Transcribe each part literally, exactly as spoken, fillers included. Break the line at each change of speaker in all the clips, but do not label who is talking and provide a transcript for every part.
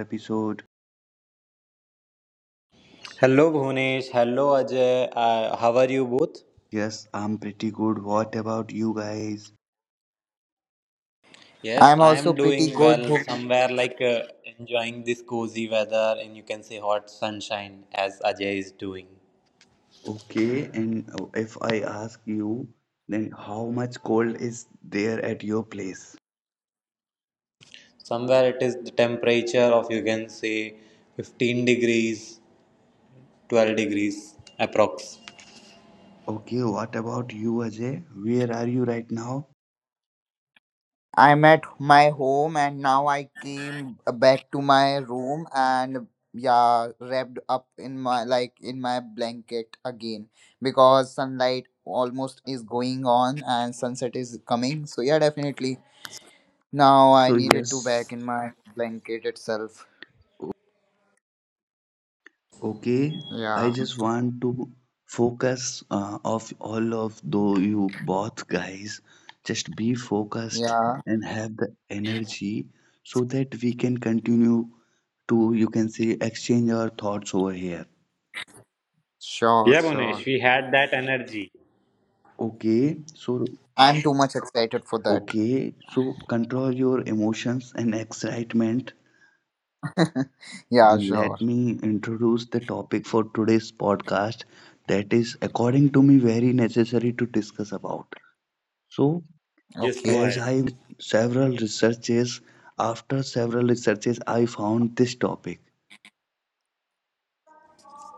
episode.
Hello Bhunesh, hello Ajay. Uh, how are you both?
Yes, I'm pretty good. What about you guys?
Yes,
I'm
I
also
am
pretty
doing
good,
well.
Bhumi.
Somewhere, like, uh, enjoying this cozy weather and, you can say, hot sunshine as Ajay is doing.
Okay, and uh, if I ask you, then how much cold is there at your place?
Somewhere it is the temperature of, you can say, fifteen degrees, twelve degrees approximately.
Okay, what about you, Ajay? Where are you right now?
I'm at my home and now I came back to my room and yeah, wrapped up in my like in my blanket again because sunlight almost is going on and sunset is coming. So yeah, definitely. Now I
So,
needed to
yes,
back in my blanket itself.
o- okay, I
Yeah.
just want to focus uh, of all of though you both guys. Just be focused
Yeah.
and have the energy so that we can continue to you can say exchange our thoughts over here.
Sure,
Yeah,
sure.
Bhunesh, we had that energy.
Okay, so
I'm too much excited for that.
okay, so control your emotions and excitement
Yeah,
and
sure.
let me introduce the topic for today's podcast that is according to me very necessary to discuss about. So
Just
Okay.
go
as
ahead.
I made several researches after several researches I found this topic.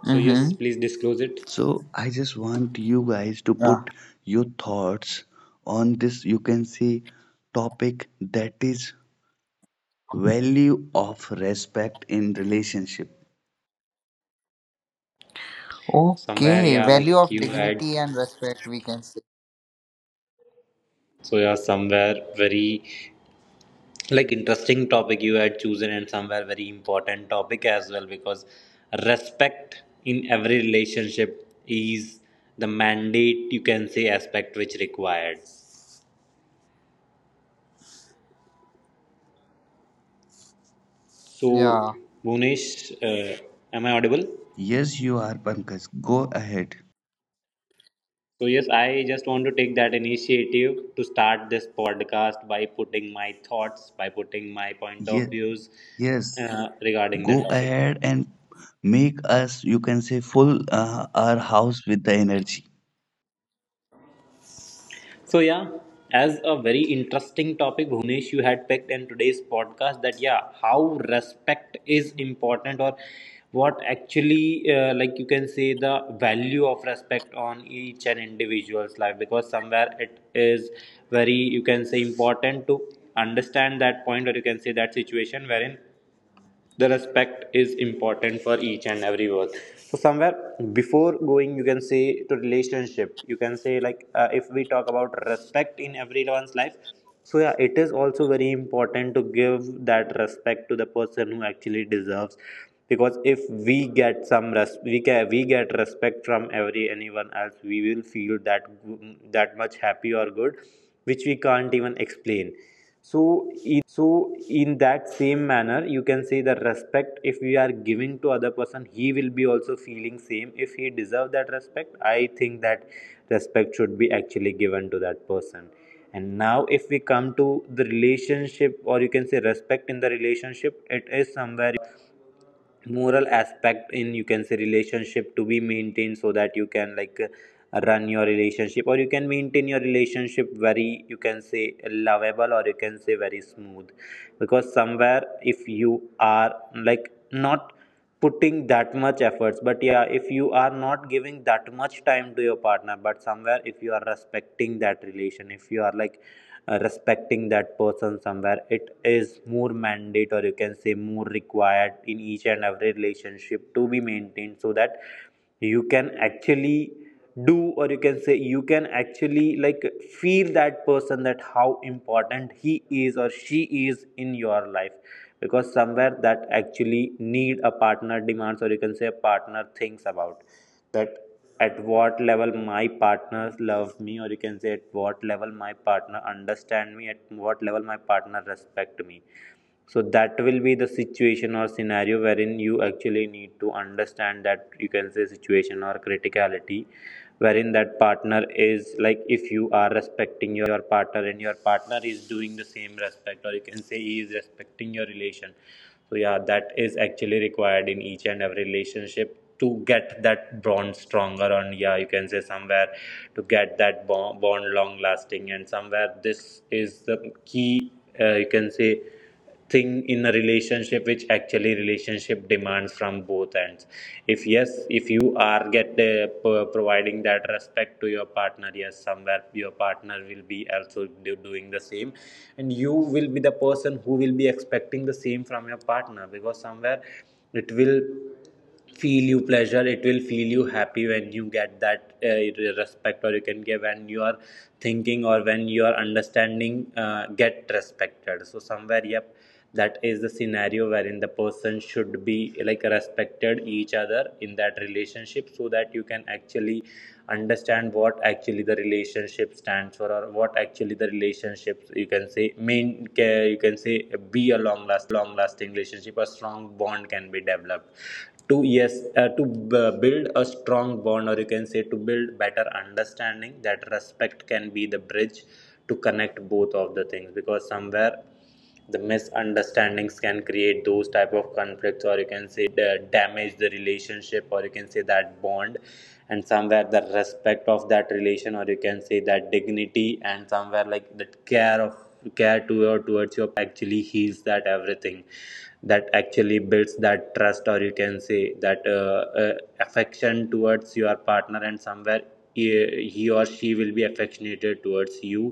So yes,
Mm-hmm.
please disclose it.
So I just want you guys to
Yeah.
put your thoughts on this you can see topic that is value of respect in relationship.
Somewhere,
Okay,
yeah,
value
like
of
you had.
dignity and respect, we can say.
So yeah, somewhere very, like, interesting topic you had chosen, and somewhere very important topic as well, because respect in every relationship is the mandate, you can say, aspect which required. So
Yeah.
Bhunesh, uh, am I audible?
Yes, you are Pankaj. Go ahead.
So yes, I just want to take that initiative to start this podcast by putting my thoughts, by putting my point of
Yes,
views
yes,
uh, regarding the
go
topic.
ahead and make us you can say full uh, our house with the energy.
So yeah, as a very interesting topic, Bhunesh, you had picked in today's podcast that yeah, how respect is important, or what actually uh, like, you can say, the value of respect on each and individual's life. Because somewhere it is very, you can say, important to understand that point, or, you can say, that situation wherein the respect is important for each and every word. So somewhere before going, you can say, to relationship, you can say, like, uh, if we talk about respect in everyone's life, so yeah, it is also very important to give that respect to the person who actually deserves. Because if we get some res- we ca- we get respect from every anyone else, we will feel that that much happy or good which we can't even explain. So in that same manner, you can say, the respect, if we are giving to other person, he will be also feeling same. If he deserve that respect, I think that respect should be actually given to that person. And now if we come to the relationship, or you can say respect in the relationship, it is somewhere, you can say, a moral aspect in, you can say, relationship to be maintained, so that you can like run your relationship, or you can maintain your relationship very, you can say, lovable, or, you can say, very smooth. Because somewhere if you are like not putting that much efforts, but yeah, if you are not giving that much time to your partner, but somewhere if you are respecting that relation, if you are like uh, respecting that person, somewhere it is more mandate, or, you can say, more required in each and every relationship to be maintained, so that you can actually do, or you can say, you can actually like feel that person, that how important he is or she is in your life. Because somewhere that actually need, a partner demands, or you can say a partner thinks about that, at what level my partners love me, or you can say at what level my partner understand me, at what level my partner respect me. So that will be the situation or scenario wherein you actually need to understand that, you can say, situation or criticality wherein that partner is like, if you are respecting your partner and your partner is doing the same respect, or you can say he is respecting your relation. So yeah, that is actually required in each and every relationship to get that bond stronger, and yeah, you can say somewhere to get that bond, bond long lasting. And somewhere this is the key, uh, you can say, thing in a relationship which actually relationship demands from both ends. If yes, if you are get uh, providing that respect to your partner, yes, somewhere your partner will be also do- doing the same. And you will be the person who will be expecting the same from your partner. Because somewhere it will feel you pleasure, it will feel you happy when you get that uh, respect, or you can give when you are thinking, or when your understanding uh, get respected. So somewhere, yep, that is the scenario wherein the person should be like respected each other in that relationship, so that you can actually understand what actually the relationship stands for, or what actually the relationships, you can say, main ca- you can say, be a long lasting relationship. A strong bond can be developed to, yes, uh, to b- build a strong bond, or, you can say, to build better understanding. That respect can be the bridge to connect both of the things. Because somewhere the misunderstandings can create those type of conflicts, or you can say da- damage the relationship, or, you can say, that bond. And somewhere the respect of that relation, or you can say that dignity, and somewhere like that care of care to your towards your partner, actually heals that everything. That actually builds that trust, or you can say that uh, uh, affection towards your partner. And somewhere he he or she will be affectionated towards you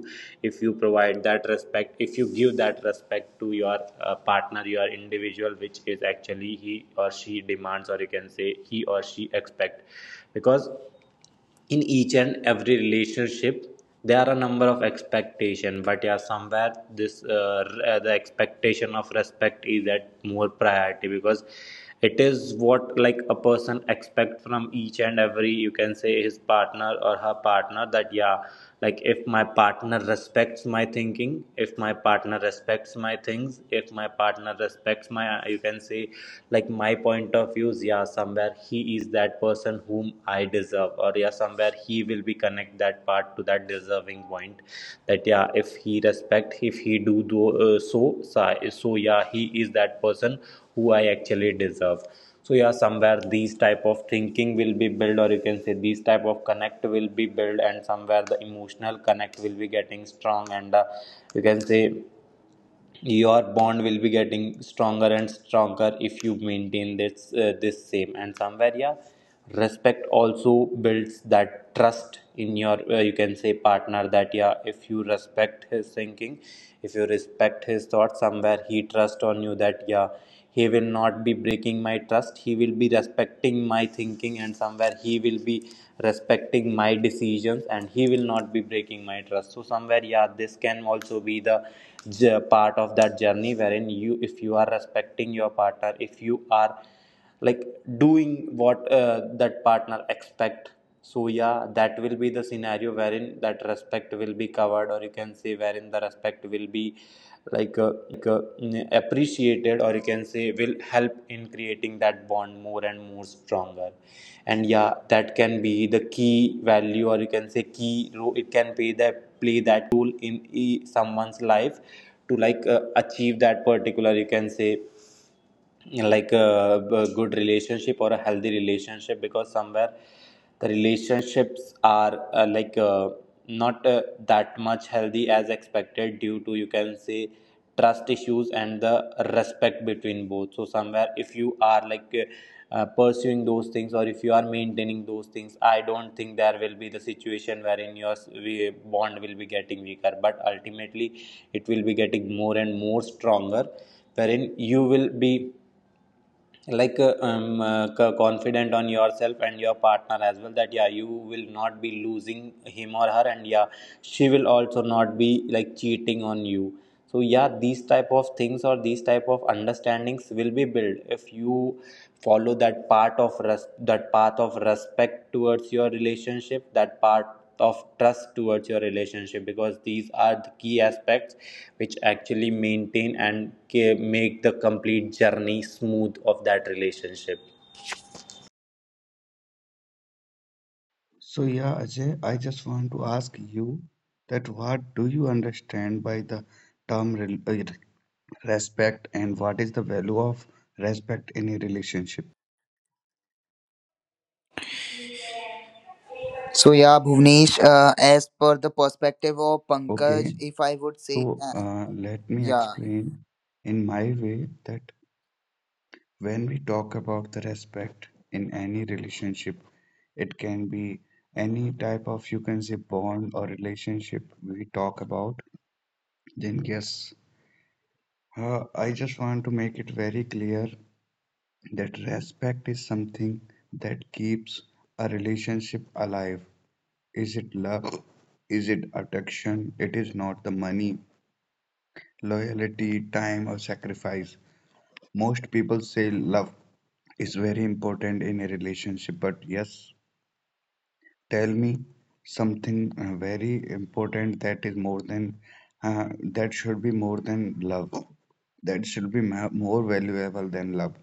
if you provide that respect, if you give that respect to your uh, partner, your individual which is actually he or she demands, or you can say he or she expect. Because in each and every relationship there are a number of expectation, but yeah, somewhere this uh, uh, the expectation of respect is at more priority. Because it is what, like, a person expect from each and every, you can say, his partner or her partner, that yeah, like if my partner respects my thinking, if my partner respects my things, if my partner respects my uh, you can say like my point of views. Yeah, somewhere he is that person whom I deserve, or yeah, somewhere he will be connect that part to that deserving point. That yeah, if he respect, if he do, do uh, so, so so yeah, he is that person who I actually deserve. So yeah, somewhere these type of thinking will be built, or you can say these type of connect will be built. And somewhere the emotional connect will be getting strong, and uh, you can say your bond will be getting stronger and stronger if you maintain this uh, this same. And somewhere yeah, respect also builds that trust in your uh, you can say partner, that yeah, if you respect his thinking, if you respect his thoughts, somewhere he trusts on you, that yeah, he will not be breaking my trust, he will be respecting my thinking, and somewhere he will be respecting my decisions and he will not be breaking my trust. So somewhere yeah, this can also be the part of that journey wherein you, if you are respecting your partner, if you are like doing what uh, that partner expect. So yeah, that will be the scenario wherein that respect will be covered, or you can say wherein the respect will be like uh, mm, appreciated, or you can say will help in creating that bond more and more stronger. And yeah, that can be the key value, or you can say key role, it can play that play that key role in e- someone's life to like uh, achieve that particular, you can say, like a a good relationship or a healthy relationship. Because somewhere the relationships are uh, like uh, not uh, that much healthy as expected, due to, you can say, trust issues and the respect between both. So somewhere if you are like uh, uh, pursuing those things, or if you are maintaining those things, I don't think there will be the situation wherein your s- we- bond will be getting weaker. But ultimately it will be getting more and more stronger, wherein you will be like uh, um, uh, co- confident on yourself and your partner as well, that yeah, you will not be losing him or her, and yeah, she will also not be like cheating on you. So yeah, these type of things or these type of understandings will be built if you follow that part of res- that path of respect towards your relationship, that part of trust towards your relationship. Because these are the key aspects which actually maintain and ca- make the complete journey smooth of that relationship.
So, yeah, Ajay, I just want to ask you that what do you understand by the term rel- uh, respect, and what is the value of respect in a relationship?
So yeah, Bhuvnesh, uh, as per the perspective of
Okay,
Pankaj, if I would say,
so
uh,
uh, let me
yeah,
explain in my way that when we talk about the respect in any relationship, it can be any type of you can say bond or relationship we talk about. Then, yes, uh, I just want to make it very clear that respect is something that keeps a relationship alive. Is it love? Is it attraction? It is not the money, loyalty, time, or sacrifice. Most people say love is very important in a relationship, but yes, tell me something uh, very important that is more than uh, that should be more than love. That should be ma- more valuable than love.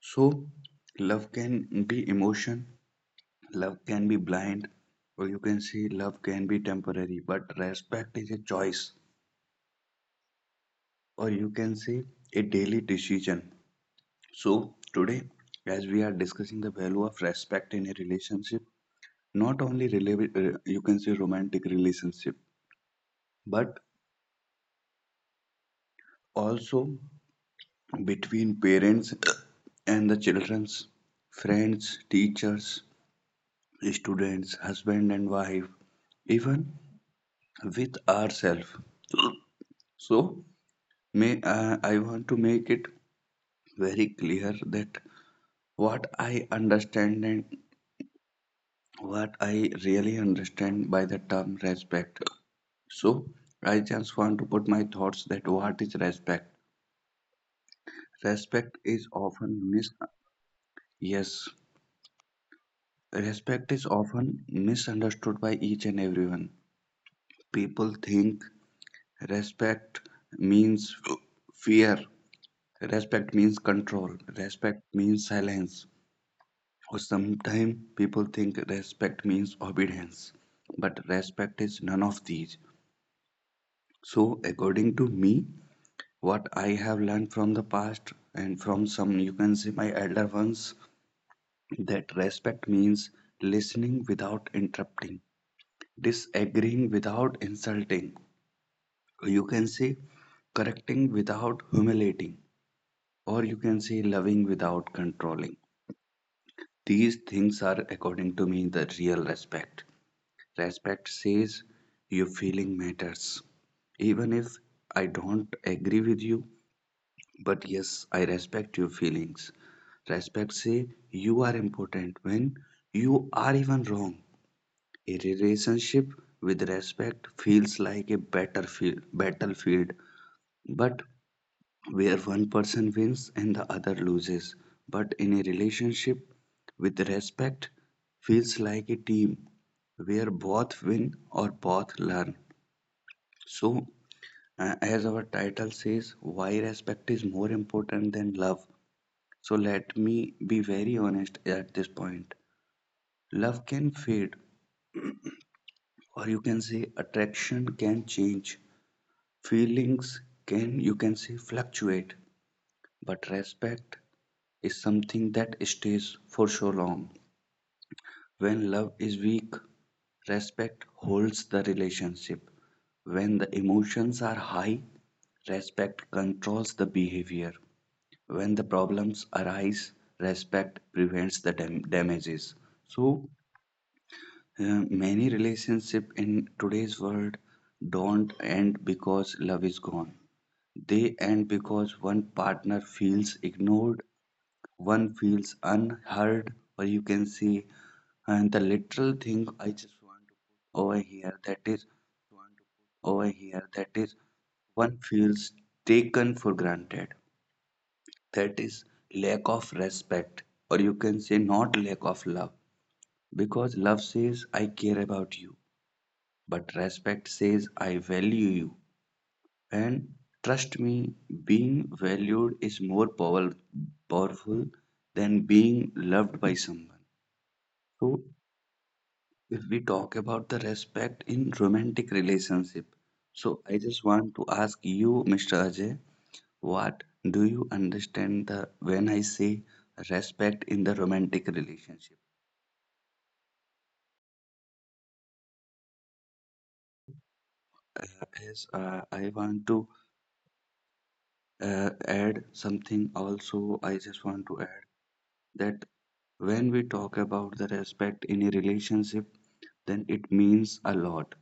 So, love can be emotion, love can be blind, or you can see love can be temporary, but respect is a choice, or you can say a daily decision. So, today, as we are discussing the value of respect in a relationship, not only rela- uh, you can say romantic relationship, but also between parents and the children's friends, teachers, students, husband and wife, even with ourselves. So, may uh, I want to make it very clear that what I understand and what I really understand by the term respect. So, I just want to put my thoughts that what is respect? Respect is often mis yes, Respect is often misunderstood by each and everyone. People think respect means fear. Respect means control. Respect means silence. Or sometimes people think respect means obedience. But respect is none of these. So, according to me, what I have learned from the past and from some, you can say, my elder ones, that respect means listening without interrupting, disagreeing without insulting, you can say, correcting without humiliating, or you can say, loving without controlling. These things are, according to me, the real respect. Respect says your feeling matters. Even if I don't agree with you, but yes, I respect your feelings. Respect say you are important when you are even wrong. A relationship with respect feels like a better field, battlefield, but where one person wins and the other loses. But in a relationship with respect feels like a team where both win or both learn. So, uh, as our title says, why respect is more important than love. So let me be very honest at this point. Love can fade, or you can say attraction can change. Feelings can, you can say, fluctuate. But respect is something that stays for so long. When love is weak, respect holds the relationship. When the emotions are high, respect controls the behavior. When the problems arise, respect prevents the dam- damages. So, Uh, many relationships in today's world don't end because love is gone. They end because one partner feels ignored, one feels unheard, or you can see. And the literal thing I just want to put over here that is, one feels taken for granted. That is lack of respect, or you can say not lack of love. Because love says, I care about you, but respect says, I value you. And trust me, being valued is more power, powerful than being loved by someone. So, if we talk about the respect in romantic relationship, so I just want to ask you, mister Ajay, what do you understand the when I say respect in the romantic relationship? So, uh, as uh, I want to uh, add something also, I just want to add that when we talk about the respect in a relationship, then it means a lot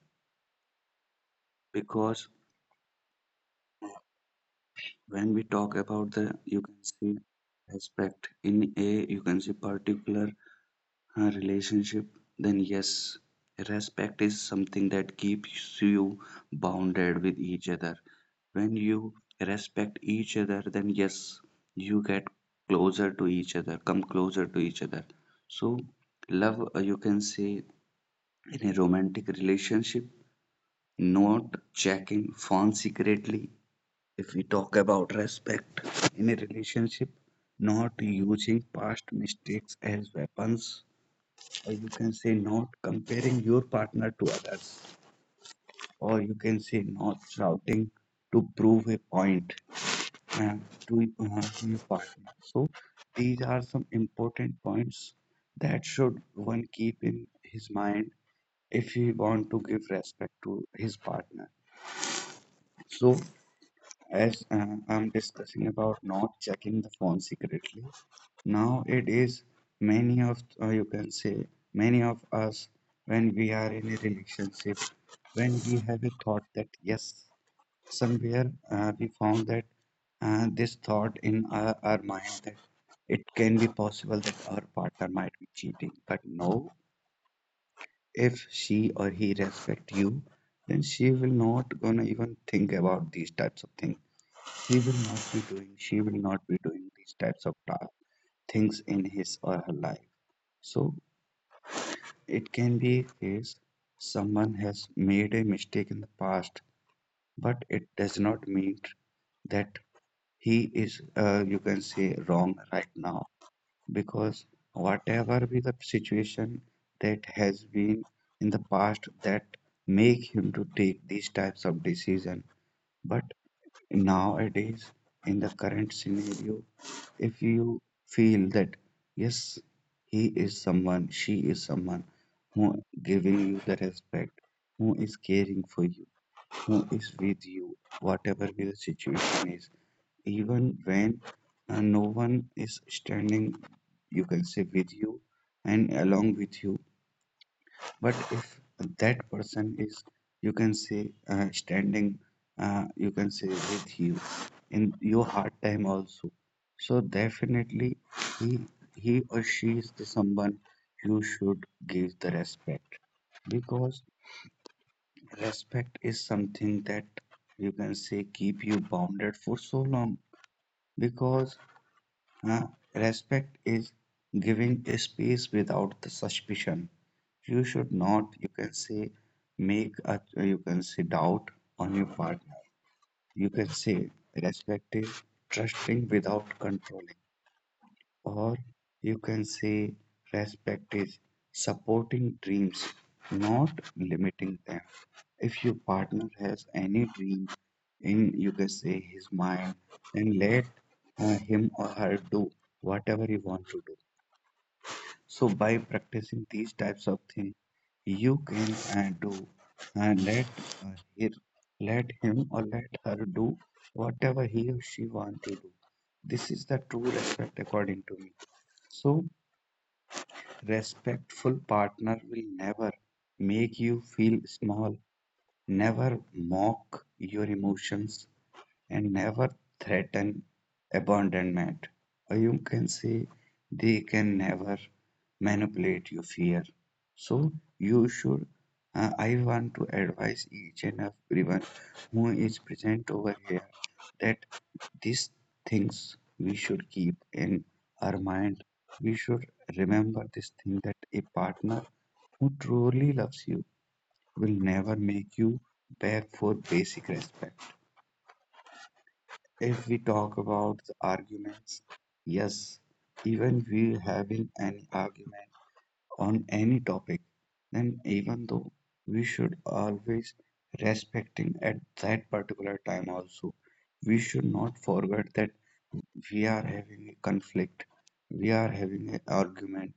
because when we talk about the you can see respect in a you can see particular uh, relationship, then yes, respect is something that keeps you bounded with each other. When you respect each other, then yes, you get closer to each other, come closer to each other. So, love, uh, you can say in a romantic relationship, not checking phone secretly. If we talk about respect in a relationship, not using past mistakes as weapons, or you can say not comparing your partner to others, or you can say not shouting to prove a point uh, to, uh, to your partner. So these are some important points that should one keep in his mind if he want to give respect to his partner. So, as uh, I'm discussing about not checking the phone secretly, now it is many of uh, you can say many of us when we are in a relationship, when we have a thought that yes, somewhere uh, we found that uh, this thought in our, our mind that it can be possible that our partner might be cheating, but no, if she or he respect you, then she will not gonna even think about these types of things, he will not be doing, she will not be doing these types of ta- things in his or her life. So it can be a case someone has made a mistake in the past, but it does not mean that he is, uh, you can say, wrong right now. Because whatever be the situation that has been in the past that make him to take these types of decision, but nowadays in the current scenario if you feel that yes he is someone she is someone who giving you the respect who is caring for you who is with you whatever be the situation is even when uh, no one is standing you can say with you and along with you, but if that person is, you can say, uh, standing, uh, you can say, with you in your hard time also. So definitely, he he or she is the someone you should give the respect because respect is something that you can say keep you bounded for so long because uh, respect is giving space without the suspicion. You should not, you can say, make a, you can say, doubt on your partner. You can say, respect is trusting without controlling, or you can say respect is supporting dreams, not limiting them. If your partner has any dream in, you can say, his mind, then let uh, him or her do whatever he wants to do. So, by practicing these types of things, you can uh, do uh, let uh, her, let him or let her do whatever he or she wants to do. This is the true respect according to me. So respectful partner will never make you feel small, never mock your emotions, and never threaten abandonment. Or you can say they can never manipulate your fear. So you should. uh, I want to advise each and everyone who is present over here that these things we should keep in our mind. We should remember this thing that a partner who truly loves you will never make you beg for basic respect. If we talk about the arguments, yes, even we having an argument on any topic, then even though we should always respecting at that particular time also, we should not forget that we are having a conflict, we are having an argument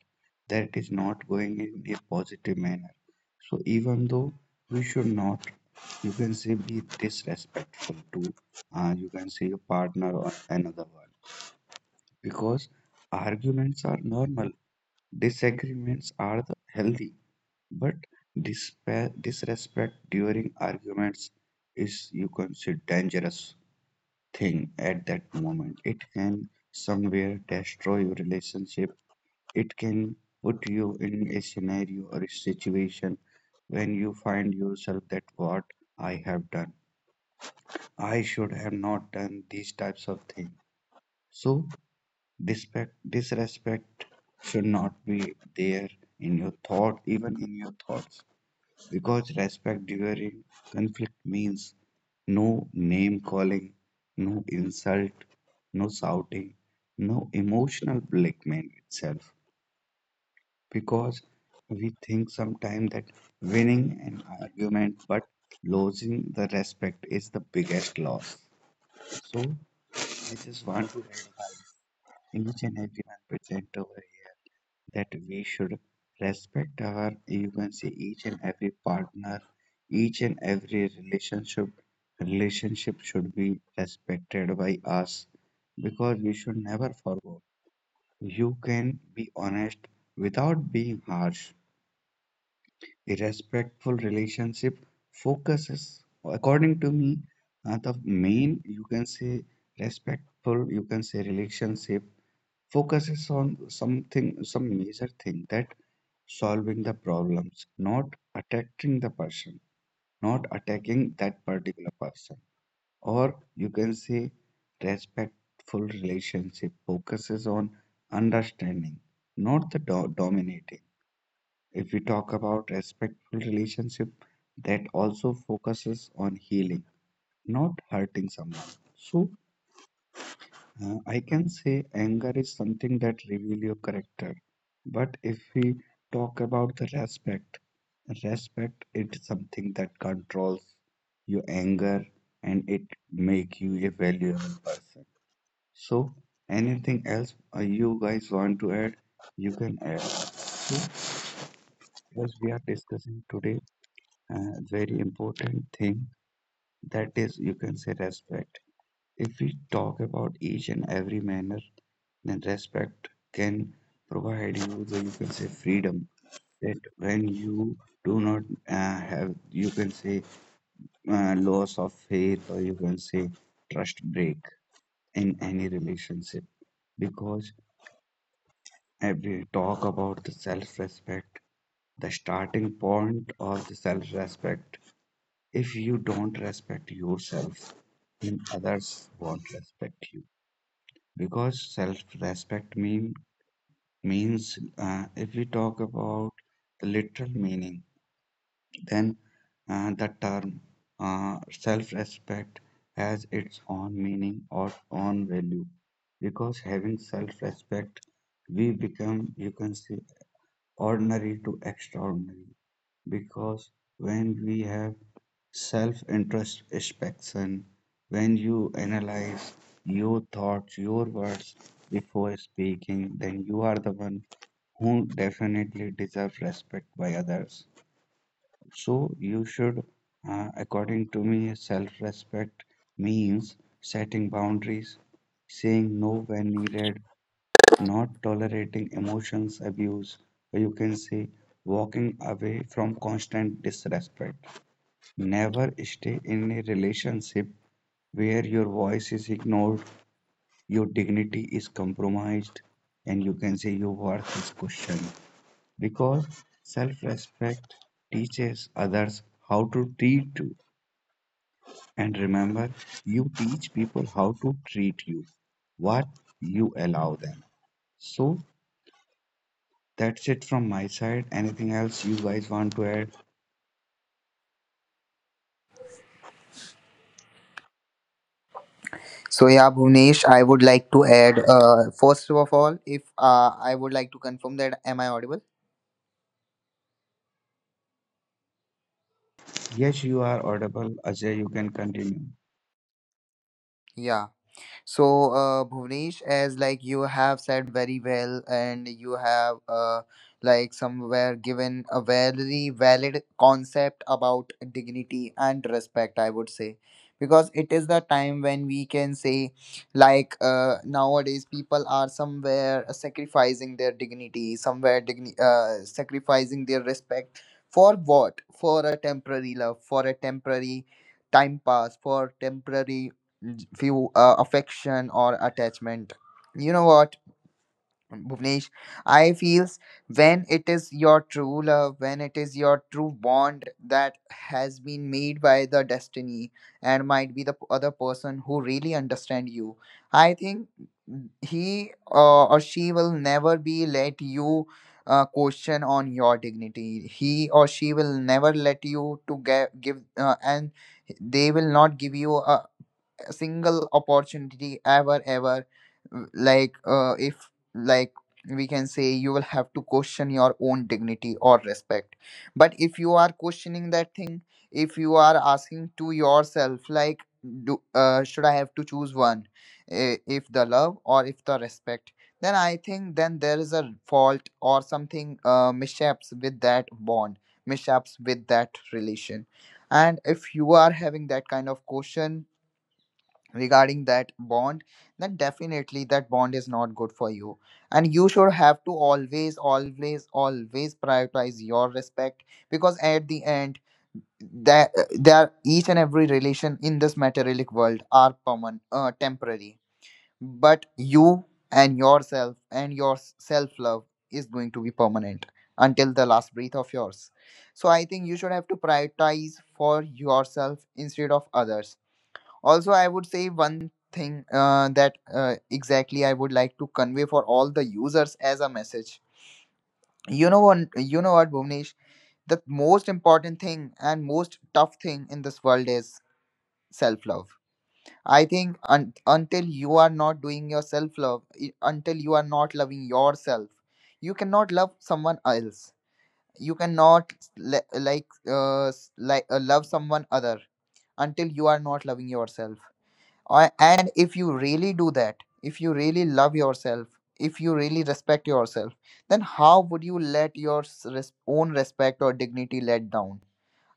that is not going in a positive manner. So even though we should not, you can say, be disrespectful to, uh, you can say, a partner or another one, because arguments are normal, disagreements are the healthy, but dispa- disrespect during arguments is, you can say, dangerous thing at that moment. It can somewhere destroy your relationship. It can put you in a scenario or a situation when you find yourself that what I have done. I should have not done these types of things. So disrespect, disrespect should not be there in your thought, even in your thoughts, because respect during conflict means no name calling, no insult, no shouting, no emotional blackmail itself, because we think sometimes that winning an argument but losing the respect is the biggest loss. So I just want to advise each and everyone present over here that we should respect our, you can say, each and every partner, each and every relationship relationship should be respected by us, because we should never forget. You can be honest without being harsh. A respectful relationship focuses, according to me, uh, the main, you can say, respectful, you can say, relationship focuses on something, some major thing, that solving the problems, not attacking the person, not attacking that particular person. Or, you can say, respectful relationship focuses on understanding, not the do- dominating. If we talk about respectful relationship, that also focuses on healing, not hurting someone. So uh, I can say anger is something that reveal your character, but if we talk about the respect respect it's something that controls your anger and it make you a valuable person. So anything else uh, you guys want to add, you can add. So as we are discussing today, uh, very important thing, that is, you can say, respect. If we talk about each and every manner, then respect can provide you the, you can say, freedom, that when you do not uh, have, you can say, uh, loss of faith, or you can say trust break in any relationship. Because if we talk about the self-respect, the starting point of the self-respect. If you don't respect yourself, then others won't respect you. Because self-respect mean means uh, if we talk about the literal meaning, then uh, the term uh, self-respect has its own meaning or own value. Because having self-respect, we become, you can say, ordinary to extraordinary. Because when we have self introspection, when you analyze your thoughts, your words before speaking, then you are the one who definitely deserve respect by others. So you should, uh, according to me, self respect means setting boundaries, saying no when needed, not tolerating emotions abuse, or you can say walking away from constant disrespect. Never stay in a relationship where your voice is ignored, your dignity is compromised, and, you can say, your worth is questioned. Because self respect teaches others how to treat you. And remember, you teach people how to treat you, what you allow them. So that's it from my side. Anything else you guys want to add?
So yeah, Bhuvnesh, I would like to add. Uh, first of all, if uh, I would like to confirm that am I audible?
Yes, you are audible. Ajay, you can continue.
Yeah. So, uh, Bhuvnesh, as like you have said very well, and you have uh, like somewhere given a very valid concept about dignity and respect, I would say, because it is the time when we can say, like uh, nowadays people are somewhere sacrificing their dignity, somewhere digni- uh, sacrificing their respect for what? For a temporary love, for a temporary time pass, for temporary few uh, affection or attachment. You know what, Bhuvnesh? I feels when it is your true love, when it is your true bond that has been made by the destiny, and might be the p- other person who really understand you, I think he uh, or she will never be let you uh, question on your dignity. He or she will never let you to get give uh, and they will not give you a single opportunity, ever, ever, like uh, if like we can say you will have to question your own dignity or respect. But if you are questioning that thing, if you are asking to yourself like, do, uh, should I have to choose one, i- if the love or if the respect, then I think then there is a fault or something uh, mishaps with that bond, mishaps with that relation. And if you are having that kind of question regarding that bond, then definitely that bond is not good for you, and you should have to always, always, always prioritize your respect. Because at the end that there each and every relation in this materialistic world are permanent uh, temporary, but you and yourself and your self love is going to be permanent until the last breath of yours. So I think you should have to prioritize for yourself instead of others. Also, I would say one thing uh, that uh, exactly I would like to convey for all the users as a message. You know what? You know what, Bhuvnesh? The most important thing and most tough thing in this world is self-love. I think un- until you are not doing your self-love, i- until you are not loving yourself, you cannot love someone else. You cannot le- like uh, s- like uh, love someone other until you are not loving yourself. I- and if you really do that, if you really love yourself, if you really respect yourself, then how would you let your s- res- own respect or dignity let down?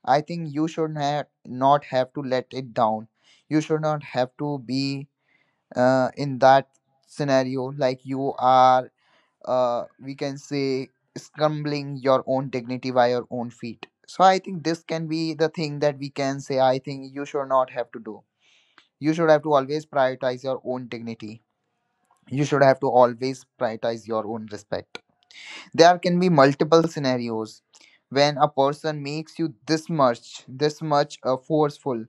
I think you should ha- not have to let it down. You should not have to be uh, in that scenario like you are uh, we can say scrambling your own dignity by your own feet. So I think this can be the thing that we can say I think you should not have to do. You should have to always prioritize your own dignity. You should have to always prioritize your own respect. There can be multiple scenarios when a person makes you this much, this much uh, forceful,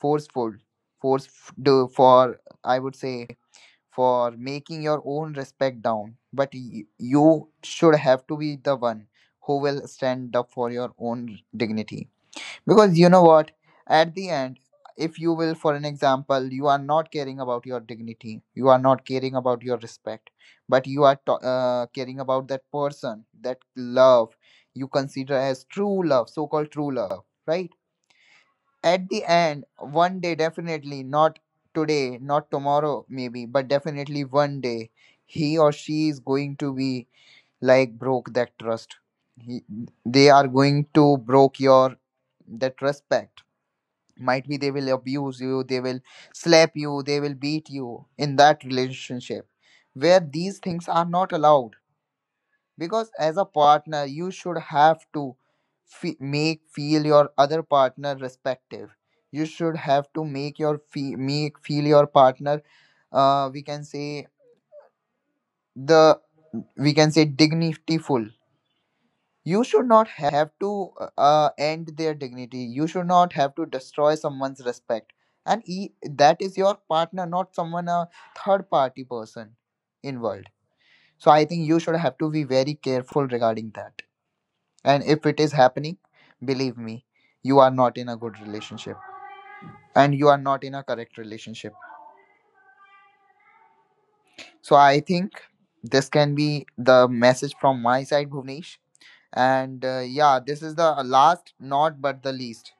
forceful, force do for, I would say, for making your own respect down. But y- you should have to be the one who will stand up for your own dignity. Because you know what? At the end, if you will, for an example, you are not caring about your dignity, you are not caring about your respect, but you are to- uh, caring about that person, that love you consider as true love, so called true love, right? At the end, one day, definitely, not today, not tomorrow, maybe, but definitely one day, he or she is going to be like broke that trust. He, they are going to broke your that respect. Might be they will abuse you, they will slap you, they will beat you in that relationship where these things are not allowed. Because as a partner you should have to fe- make feel your other partner respective. You should have to make your fe- make feel your partner uh, we can say the we can say dignityful. You should not have to uh, uh, end their dignity. You should not have to destroy someone's respect, and e- that is your partner, not someone a third party person involved. So I think you should have to be very careful regarding that, and if it is happening, believe me, you are not in a good relationship and you are not in a correct relationship. So I think this can be the message from my side, Bhuvnesh. And uh, yeah, this is the last not but the least,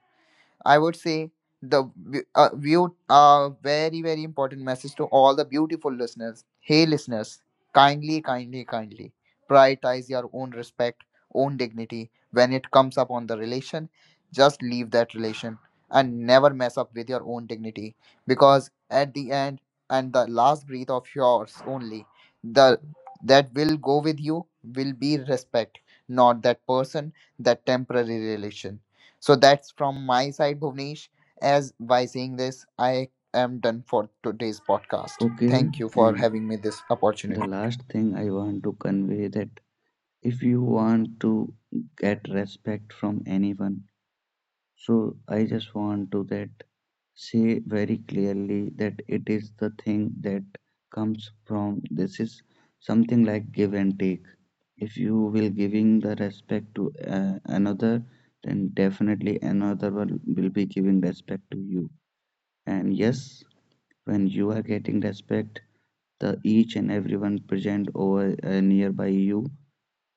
I would say the v- uh, view uh, very, very important message to all the beautiful listeners. Hey listeners, kindly, kindly, kindly prioritize your own respect, own dignity when it comes up on the relation. Just leave that relation and never mess up with your own dignity. Because at the end and the last breath of yours, only the that will go with you will be respect, not that person, that temporary relation. So that's from my side, Bhuvnesh. As by saying this, I am done for today's podcast.
Okay,
Thank you for
and
having me this
the
opportunity.
last thing I want to convey that if you want to get respect from anyone, so I just want to that say very clearly that it is the thing that comes from, this is something like give and take. If you will giving the respect to uh, another, then definitely another one will be giving respect to you. And yes, when you are getting respect, the each and everyone present over uh, nearby you,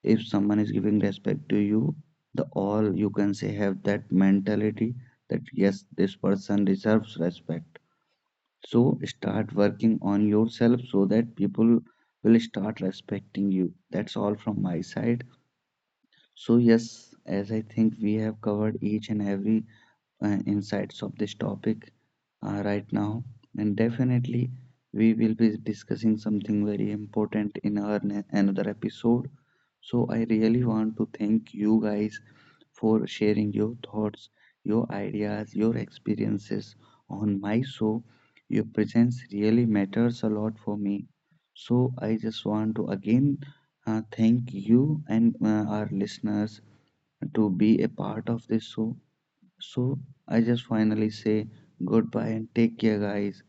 if someone is giving respect to you, the all, you can say, have that mentality, that yes, this person deserves respect. So start working on yourself so that people will start respecting you. That's all from my side. So yes, as I think, we have covered each and every uh, insights of this topic uh, right now, and definitely we will be discussing something very important in our another episode. So I really want to thank you guys for sharing your thoughts, your ideas, your experiences on my show. Your presence really matters a lot for me. So I just want to again uh, thank you and uh, our listeners to be a part of this show. So I just finally say goodbye and take care, guys.